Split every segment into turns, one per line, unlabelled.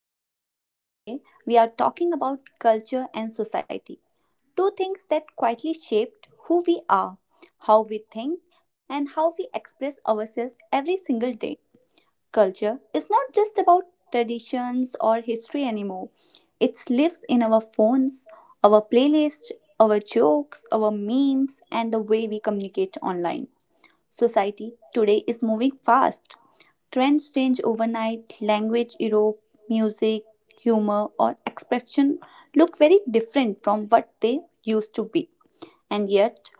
today. Today, we are talking about culture and society, two things that quietly shaped who we are, how we think, and how we express ourselves every single day. Culture is not just about traditions or history anymore. It lives in our phones, our playlists, our jokes, our memes, and the way we communicate online. Society today is moving fast. Trends change overnight, language, Europe, music, humor, or expression look very different from what they used to be. And yet,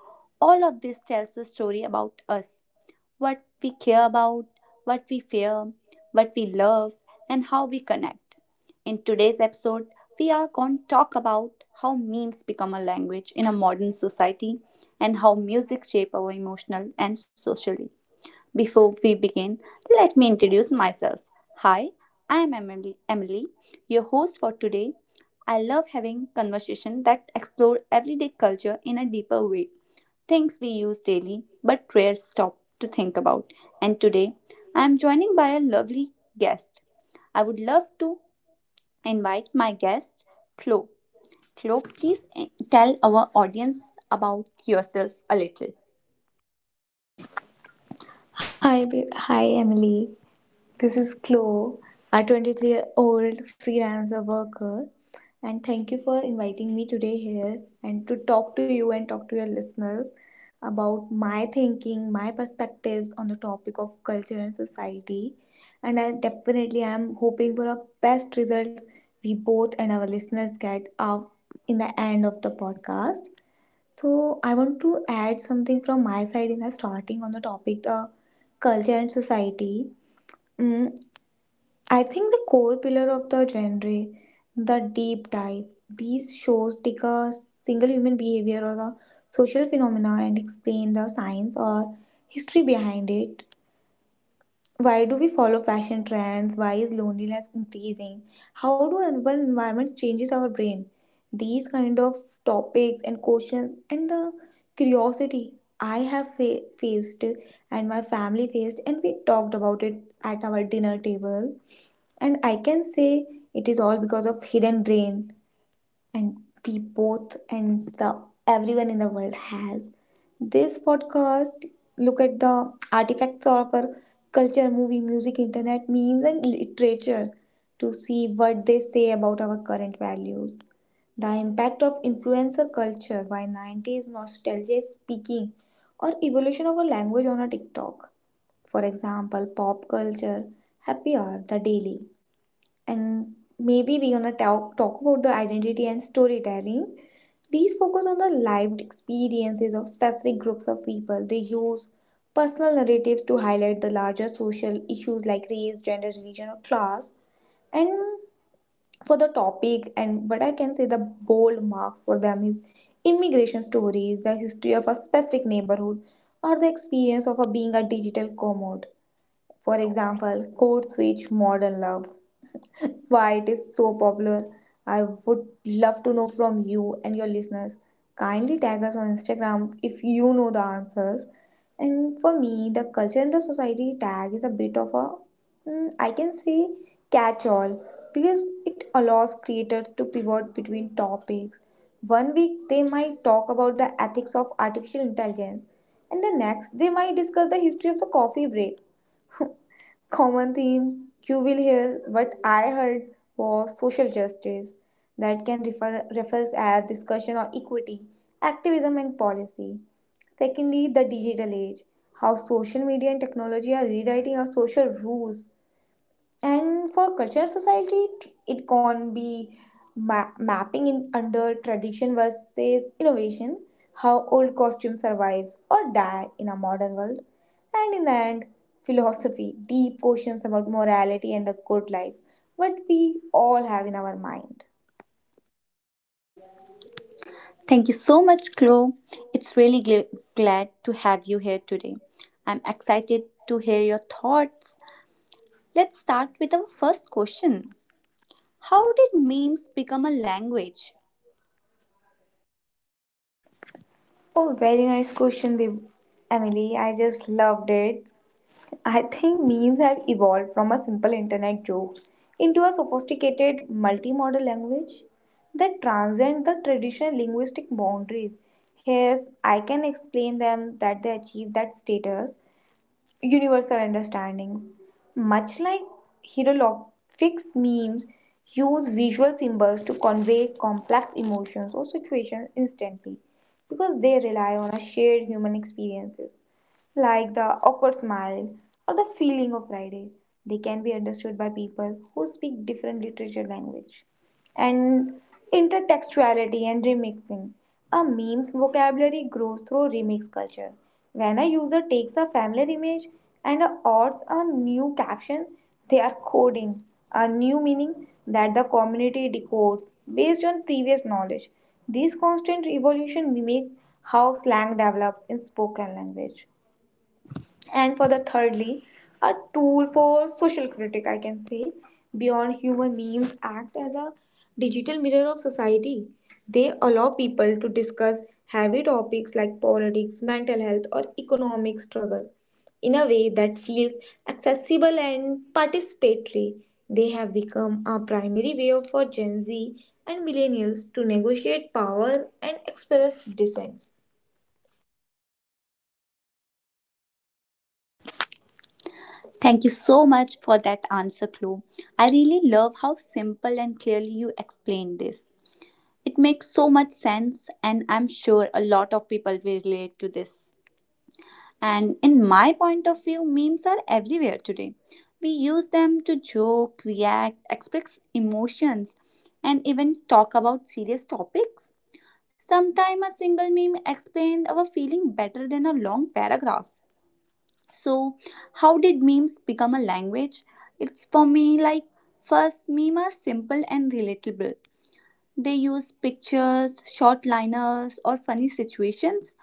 all of this tells a story about us, what we care about, what we fear, what we love, and how we connect. In today's episode, we are going to talk about how memes become a language in a modern society and how music shape our emotional and social before we begin, let me introduce myself. Hi, I am Emily, your host for today. I love having conversations that explore everyday culture in a deeper way, things we use daily but rarely stop to think about. And today, I am joining by a lovely guest. I would love to invite my guest, Chloe. Chloe, please tell our audience about yourself a little.
Hi, Emily. This is Chloe, a 23-year-old freelancer worker, and thank you for inviting me today here and to talk to you and talk to your listeners about my thinking, my perspectives on the topic of culture and society. And I definitely am hoping for the best results we both and our listeners get out in the end of the podcast. So I want to add something from my side in the starting on the topic the culture and society. Mm, I think the core pillar of the genre, the deep dive. These shows take a single human behavior or the social phenomena and explain the science or history behind it. Why do we follow fashion trends? Why is loneliness increasing? How do urban environments changes our brain? These kind of topics and questions and the curiosity I have faced and my family faced and we talked about it at our dinner table, and I can say it is all because of hidden brain and we both and the everyone in the world has. This podcast look at the artifacts of our culture, movie, music, internet, memes, and literature to see what they say about our current values. The impact of influencer culture, why 90s nostalgia is speaking, or evolution of a language on a TikTok. For example, pop culture, happy hour, the daily. And maybe we're gonna talk about the identity and storytelling. These focus on the lived experiences of specific groups of people. They use personal narratives to highlight the larger social issues like race, gender, religion, or class. And for the topic, and what I can say the bold mark for them is immigration stories, the history of a specific neighborhood, or the experience of a, being a digital commode. For example, code switch, modern love. Why it is so popular. I would love to know from you and your listeners. Kindly tag us on Instagram if you know the answers. And for me, the culture and the society tag is a bit of a, I can say, catch all, because it allows creators to pivot between topics. One week they might talk about the ethics of artificial intelligence, and the next they might discuss the history of the coffee break. Common themes you will hear what I heard was social justice, that can refers as discussion of equity, activism and policy. Secondly, the digital age, how social media and technology are rewriting our social rules. And for cultural society, it can be mapping in under tradition versus innovation, how old costume survives or die in a modern world. And in the end, philosophy deep questions about morality and the good life, what we all have in our mind.
Thank you so much, Chloe. It's really glad to have you here today. I'm excited to hear your thoughts. Let's start with our first question. How did memes become a language?
Oh, very nice question, Emily, I just loved it. I think memes have evolved from a simple internet joke into a sophisticated multimodal language that transcend the traditional linguistic boundaries. Here's I can explain them that they achieve that status, universal understandings. Much like hieroglyphics, memes use visual symbols to convey complex emotions or situations instantly because they rely on a shared human experiences like the awkward smile or the feeling of Friday. They can be understood by people who speak different literature language. And intertextuality and remixing. A meme's vocabulary grows through remix culture. When a user takes a familiar image and adds a new caption, they are coding a new meaning that the community decodes based on previous knowledge. This constant evolution mimics how slang develops in spoken language. And for the thirdly, a tool for social critic I can say, beyond humor memes act as a digital mirror of society. They allow people to discuss heavy topics like politics, mental health or economic struggles in a way that feels accessible and participatory. They have become a primary way for Gen Z and millennials to negotiate power and express dissent.
Thank you so much for that answer, Chloe. I really love how simple and clearly you explained this. It makes so much sense, and I'm sure a lot of people will relate to this. And in my point of view, memes are everywhere today. We use them to joke, react, express emotions, and even talk about serious topics. Sometimes a single meme explained our feeling better than a long paragraph. So, how did memes become a language? It's for me like, first, memes are simple and relatable. They use pictures, short liners, or funny situations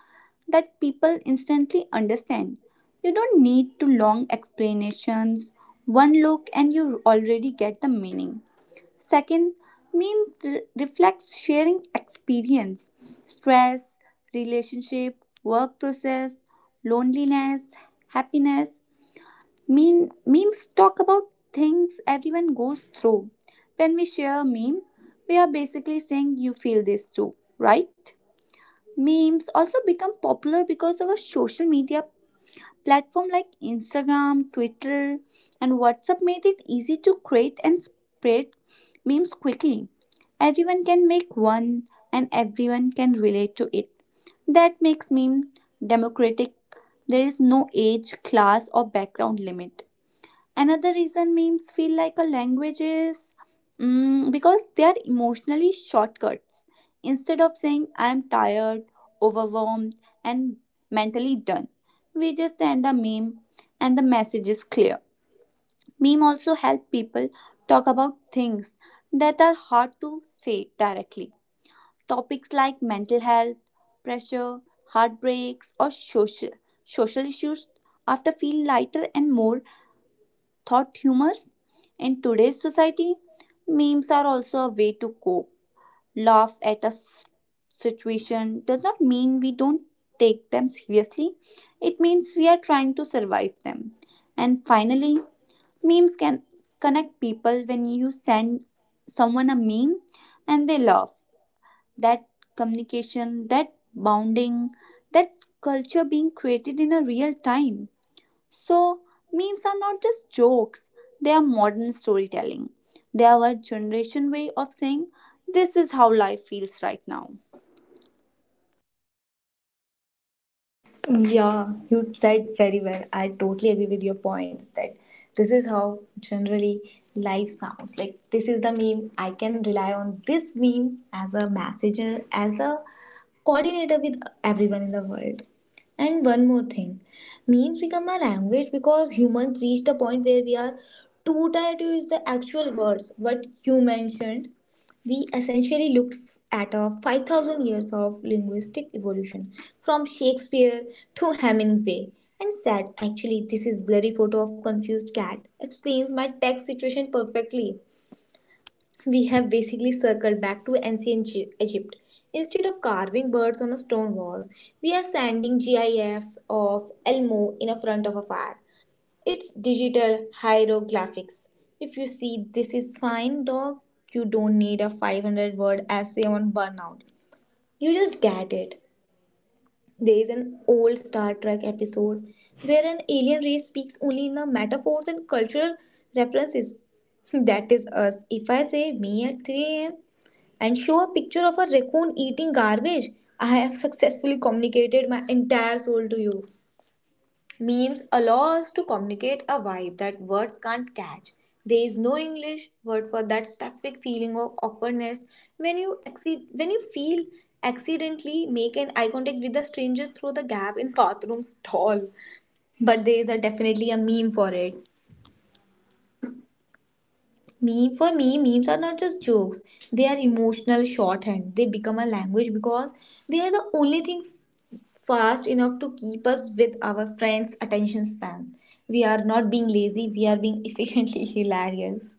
that people instantly understand. You don't need to long explanations. One look and you already get the meaning. Second, reflects sharing experience, stress, relationship, work process, loneliness, happiness. Memes talk about things everyone goes through. When we share a meme, we are basically saying you feel this too, right? Memes also become popular because our social media platform like Instagram, Twitter, and WhatsApp made it easy to create and spread memes quickly. Everyone can make one and everyone can relate to it. That makes meme democratic. There is no age, class, or background limit. Another reason memes feel like a language is because they are emotionally shortcuts. Instead of saying I am tired, overwhelmed, and mentally done, we just send a meme and the message is clear. Meme also help people talk about things that are hard to say directly. Topics like mental health, pressure, heartbreaks, or social issues after feel lighter and more thought humors. In today's society, memes are also a way to cope. Laugh at a situation does not mean we don't take them seriously, it means we are trying to survive them. And finally, memes can connect people. When you send someone a meme and they laugh, that communication, that bounding, that culture being created in a real time. So, memes are not just jokes, they are modern storytelling. They are our generation way of saying, this is how life feels right now.
Yeah, you said very well. I totally agree with your points that this is how generally life sounds. Like this is the meme. I can rely on this meme as a messenger, as a coordinator with everyone in the world. And one more thing. Memes become a language because humans reached a point where we are too tired to use the actual words what you mentioned. We essentially looked at a 5,000 years of linguistic evolution from Shakespeare to Hemingway and said, actually, this is blurry photo of confused cat explains my text situation perfectly. We have basically circled back to ancient Egypt. Instead of carving birds on a stone wall, we are sending GIFs of Elmo in a front of a fire. It's digital hieroglyphics. If you see this is fine, dog, you don't need a 500 word essay on burnout. You just get it. There is an old Star Trek episode where an alien race speaks only in the metaphors and cultural references. That is us. If I say me at 3 a.m. and show a picture of a raccoon eating garbage, I have successfully communicated my entire soul to you. Memes allow us to communicate a vibe that words can't catch. There is no English word for that specific feeling of awkwardness when you exceed, when you feel accidentally make an eye contact with a stranger through the gap in bathroom stall. But there is a definitely a meme for it. Meme for me, memes are not just jokes. They are emotional shorthand. They become a language because they are the only thing fast enough to keep us with our friends' attention spans. We are not being lazy, we are being efficiently hilarious.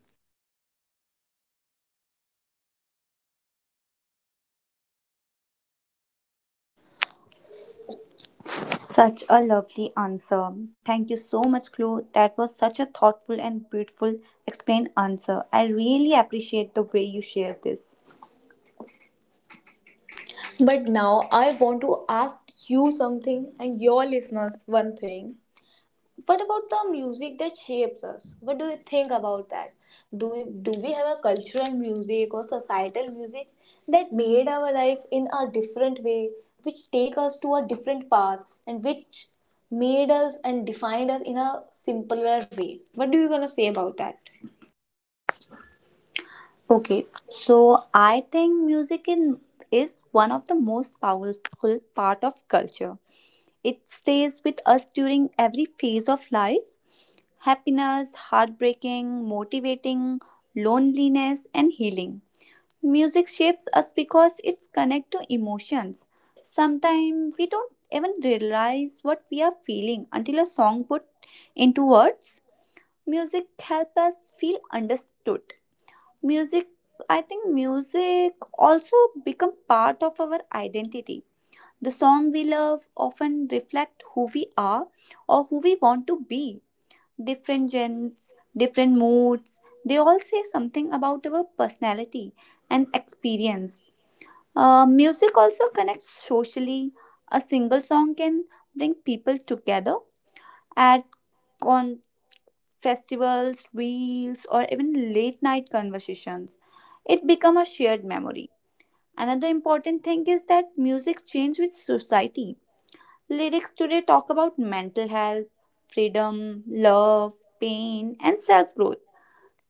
Such a lovely answer. Thank you so much, Clue. That was such a thoughtful and beautiful explained answer. I really appreciate the way you shared this.
But now I want to ask you something and your listeners one thing. What about the music that shapes us? What do you think about that? Do we have a cultural music or societal music that made our life in a different way, which take us to a different path and which made us and defined us in a simpler way? What do you gonna say about that?
Okay, so I think is one of the most powerful part of culture. It stays with us during every phase of life, happiness, heartbreaking, motivating, loneliness, and healing. Music shapes us because it's connected to emotions. Sometimes we don't even realize what we are feeling until a song put into words. Music helps us feel understood. Music, I think music also become part of our identity. The song we love often reflect who we are or who we want to be, different gens, different moods. They all say something about our personality and experience. Music also connects socially. A single song can bring people together at con- festivals, reels, or even late night conversations. It become a shared memory. Another important thing is that music changes with society. Lyrics today talk about mental health, freedom, love, pain, and self growth,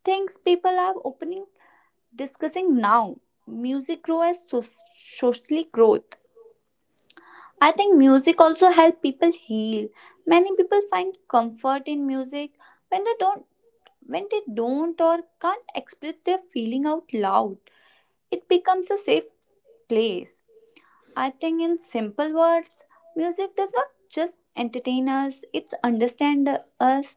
things people are opening discussing now. Music grow as socially growth. I think music also help people heal. Many people find comfort in music when they don't when they don't or can't express their feeling out loud. It becomes a safe place. I think in simple words, music does not just entertain us, it's understand us,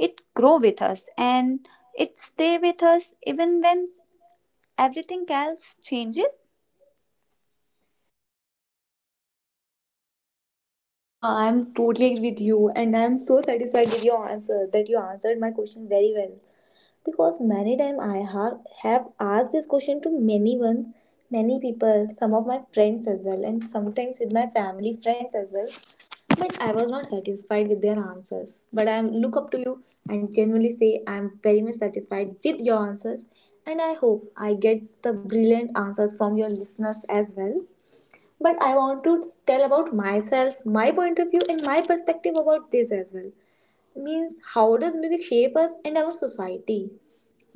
it grow with us and it stay with us even when everything else changes.
Yeah, I'm totally agree with you, and I'm so satisfied with your answer that you answered my question very well. Because many times have asked this question to many one, many people, some of my friends as well and sometimes with my family friends as well, but I was not satisfied with their answers, but I am look up to you and genuinely say I am very much satisfied with your answers, and I hope I get the brilliant answers from your listeners as well. But I want to tell about myself, my point of view and my perspective about this as well, means how does music shape us and our society?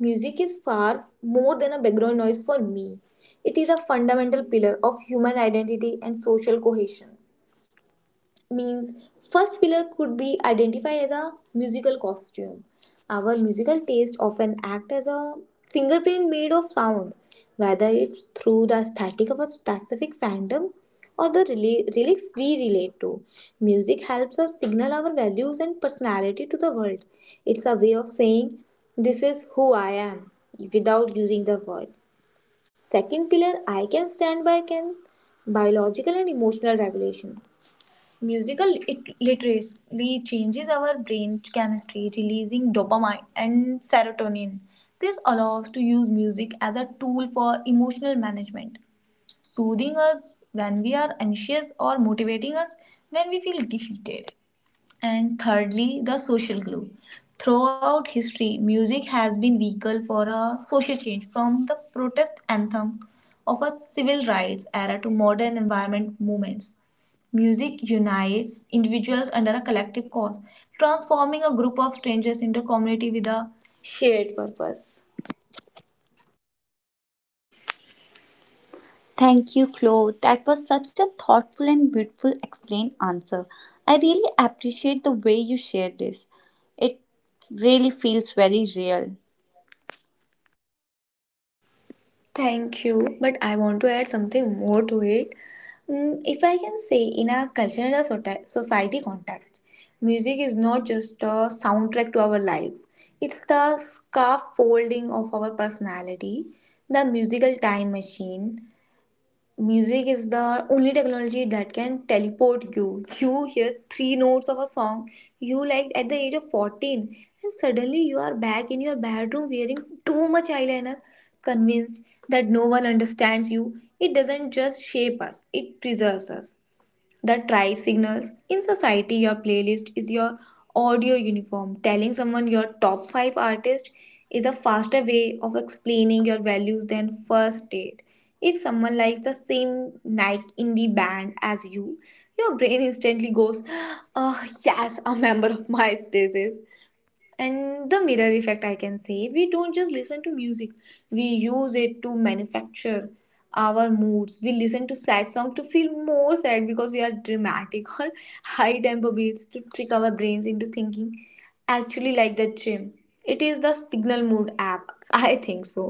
Music is far more than a background noise for me. It is a fundamental pillar of human identity and social cohesion, means first pillar could be identified as a musical costume. Our musical taste often act as a fingerprint made of sound, whether it's through the aesthetic of a specific fandom or the relics we relate to. Music helps us signal our values and personality to the world. It's a way of saying, this is who I am without using the word. Second pillar I can stand by can biological and emotional regulation. Musical it literally changes our brain chemistry, releasing dopamine and serotonin. This allows to use music as a tool for emotional management, soothing us when we are anxious or motivating us when we feel defeated. And thirdly, the social glue. Throughout history, music has been vehicle for a social change, from the protest anthem of a civil rights era to modern environment movements. Music unites individuals under a collective cause, transforming a group of strangers into a community with a shared purpose.
Thank you, Chloe. That was such a thoughtful and beautiful explain answer. I really appreciate the way you shared this. It really feels very real.
Thank you, but I want to add something more to it. If I can say, in a cultural society context, music is not just a soundtrack to our lives, it's the scaffolding of our personality, the musical time machine. Music is the only technology that can teleport you. You hear three notes of a song you liked at the age of 14, and suddenly you are back in your bedroom wearing too much eyeliner, convinced that no one understands you. It doesn't just shape us, it preserves us. The tribe signals in society, your playlist is your audio uniform. Telling someone your top 5 artists is a faster way of explaining your values than first date. If someone likes the same Nike indie band as you, your brain instantly goes, oh, yes, a member of MySpace is. And the mirror effect I can say, we don't just listen to music, we use it to manufacture our moods. We listen to sad songs to feel more sad because we are dramatic or high tempo beats to trick our brains into thinking actually like the gym. It is the signal mood app I think so.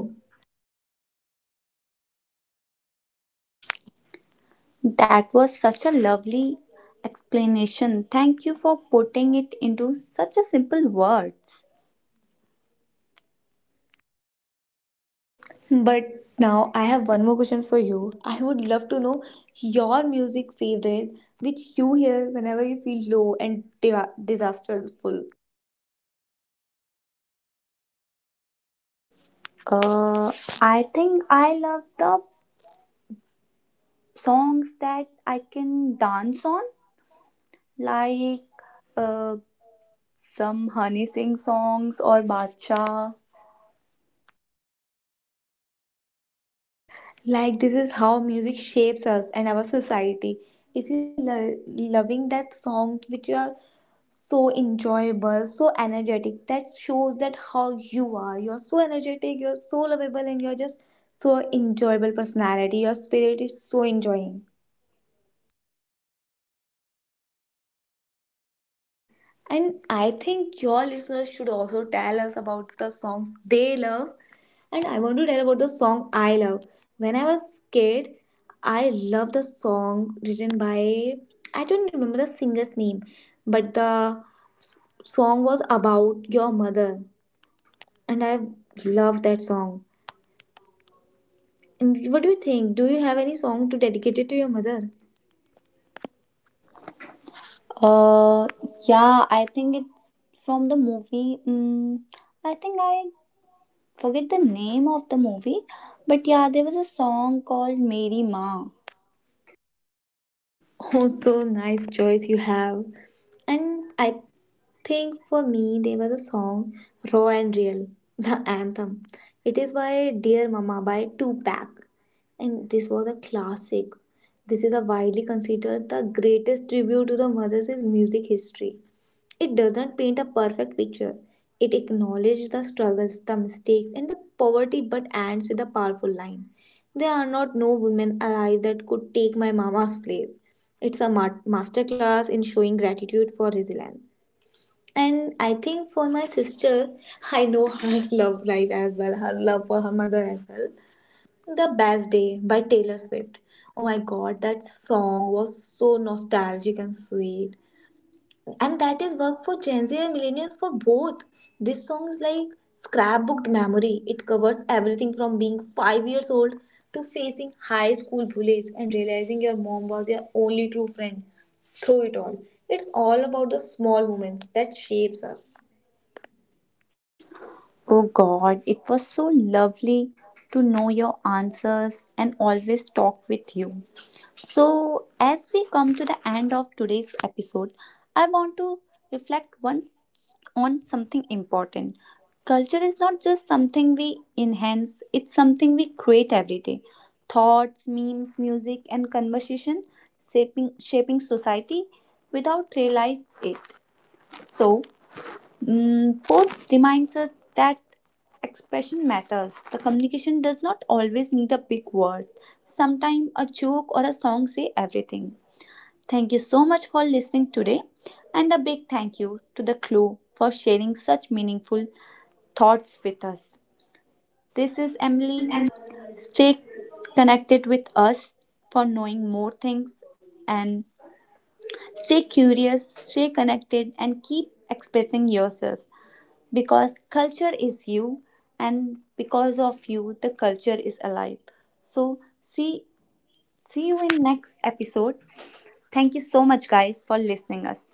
That was such a lovely explanation. Thank you for putting it into such a simple words.
But now I have one more question for you. I would love to know your music favorite, which you hear whenever you feel low and diva disasterful.
Uh, I think I love the songs that I can dance on, like uh, some Honey Singh songs or Bacha.
Like, this is how music shapes us and our society. If you are loving that songs which are so enjoyable, so energetic, that shows that how you are. You're so energetic, you're so lovable, and you're just so enjoyable personality. Your spirit is so enjoying. And I think your listeners should also tell us about the songs they love. And I want to tell about the song I love. When I was kid, I loved the song written by, I don't remember the singer's name, but the s- song was about your mother, and I loved that song. And what do you think? Do you have any song to dedicate it to your mother?
Uh, yeah, I think it's from the movie. I think I forget the name of the movie, but yeah, there was a song called Mary Ma.
Oh, so nice choice you have. And I think for me there was a song Raw and Real, the anthem. It is by Dear Mama by Tupac. And this was a classic. This is a widely considered the greatest tribute to the mothers in music history. It doesn't paint a perfect picture. It acknowledges the struggles, the mistakes, and the poverty, but ends with a powerful line. There are not no women alive that could take my mama's place. It's a masterclass in showing gratitude for resilience. And I think for my sister, I know her love life as well, her love for her mother as well. The Best Day by Taylor Swift. Oh my god, that song was so nostalgic and sweet. And that is work for Gen Z and millennials for both. This song is like scrapbooked memory. It covers everything from being 5 years old to facing high school bullies and realizing your mom was your only true friend through it all. It's all about the small moments that shapes us.
Oh God, it was so lovely to know your answers and always talk with you. So, as we come to the end of today's episode, I want to reflect once on something important. Culture is not just something we enhance, it's something we create every day. Thoughts, memes, music, and conversation shaping society without realize it. So, Popes reminds us that expression matters. The communication does not always need a big word. Sometimes a joke or a song say everything. Thank you so much for listening today and a big thank you to the Clue for sharing such meaningful thoughts with us. This is
This
Emily.
is.
Stay connected with us for knowing more things and stay curious, stay connected and keep expressing yourself, because culture is you and because of you the culture is alive. So see see you in next episode. Thank you so much guys for listening us.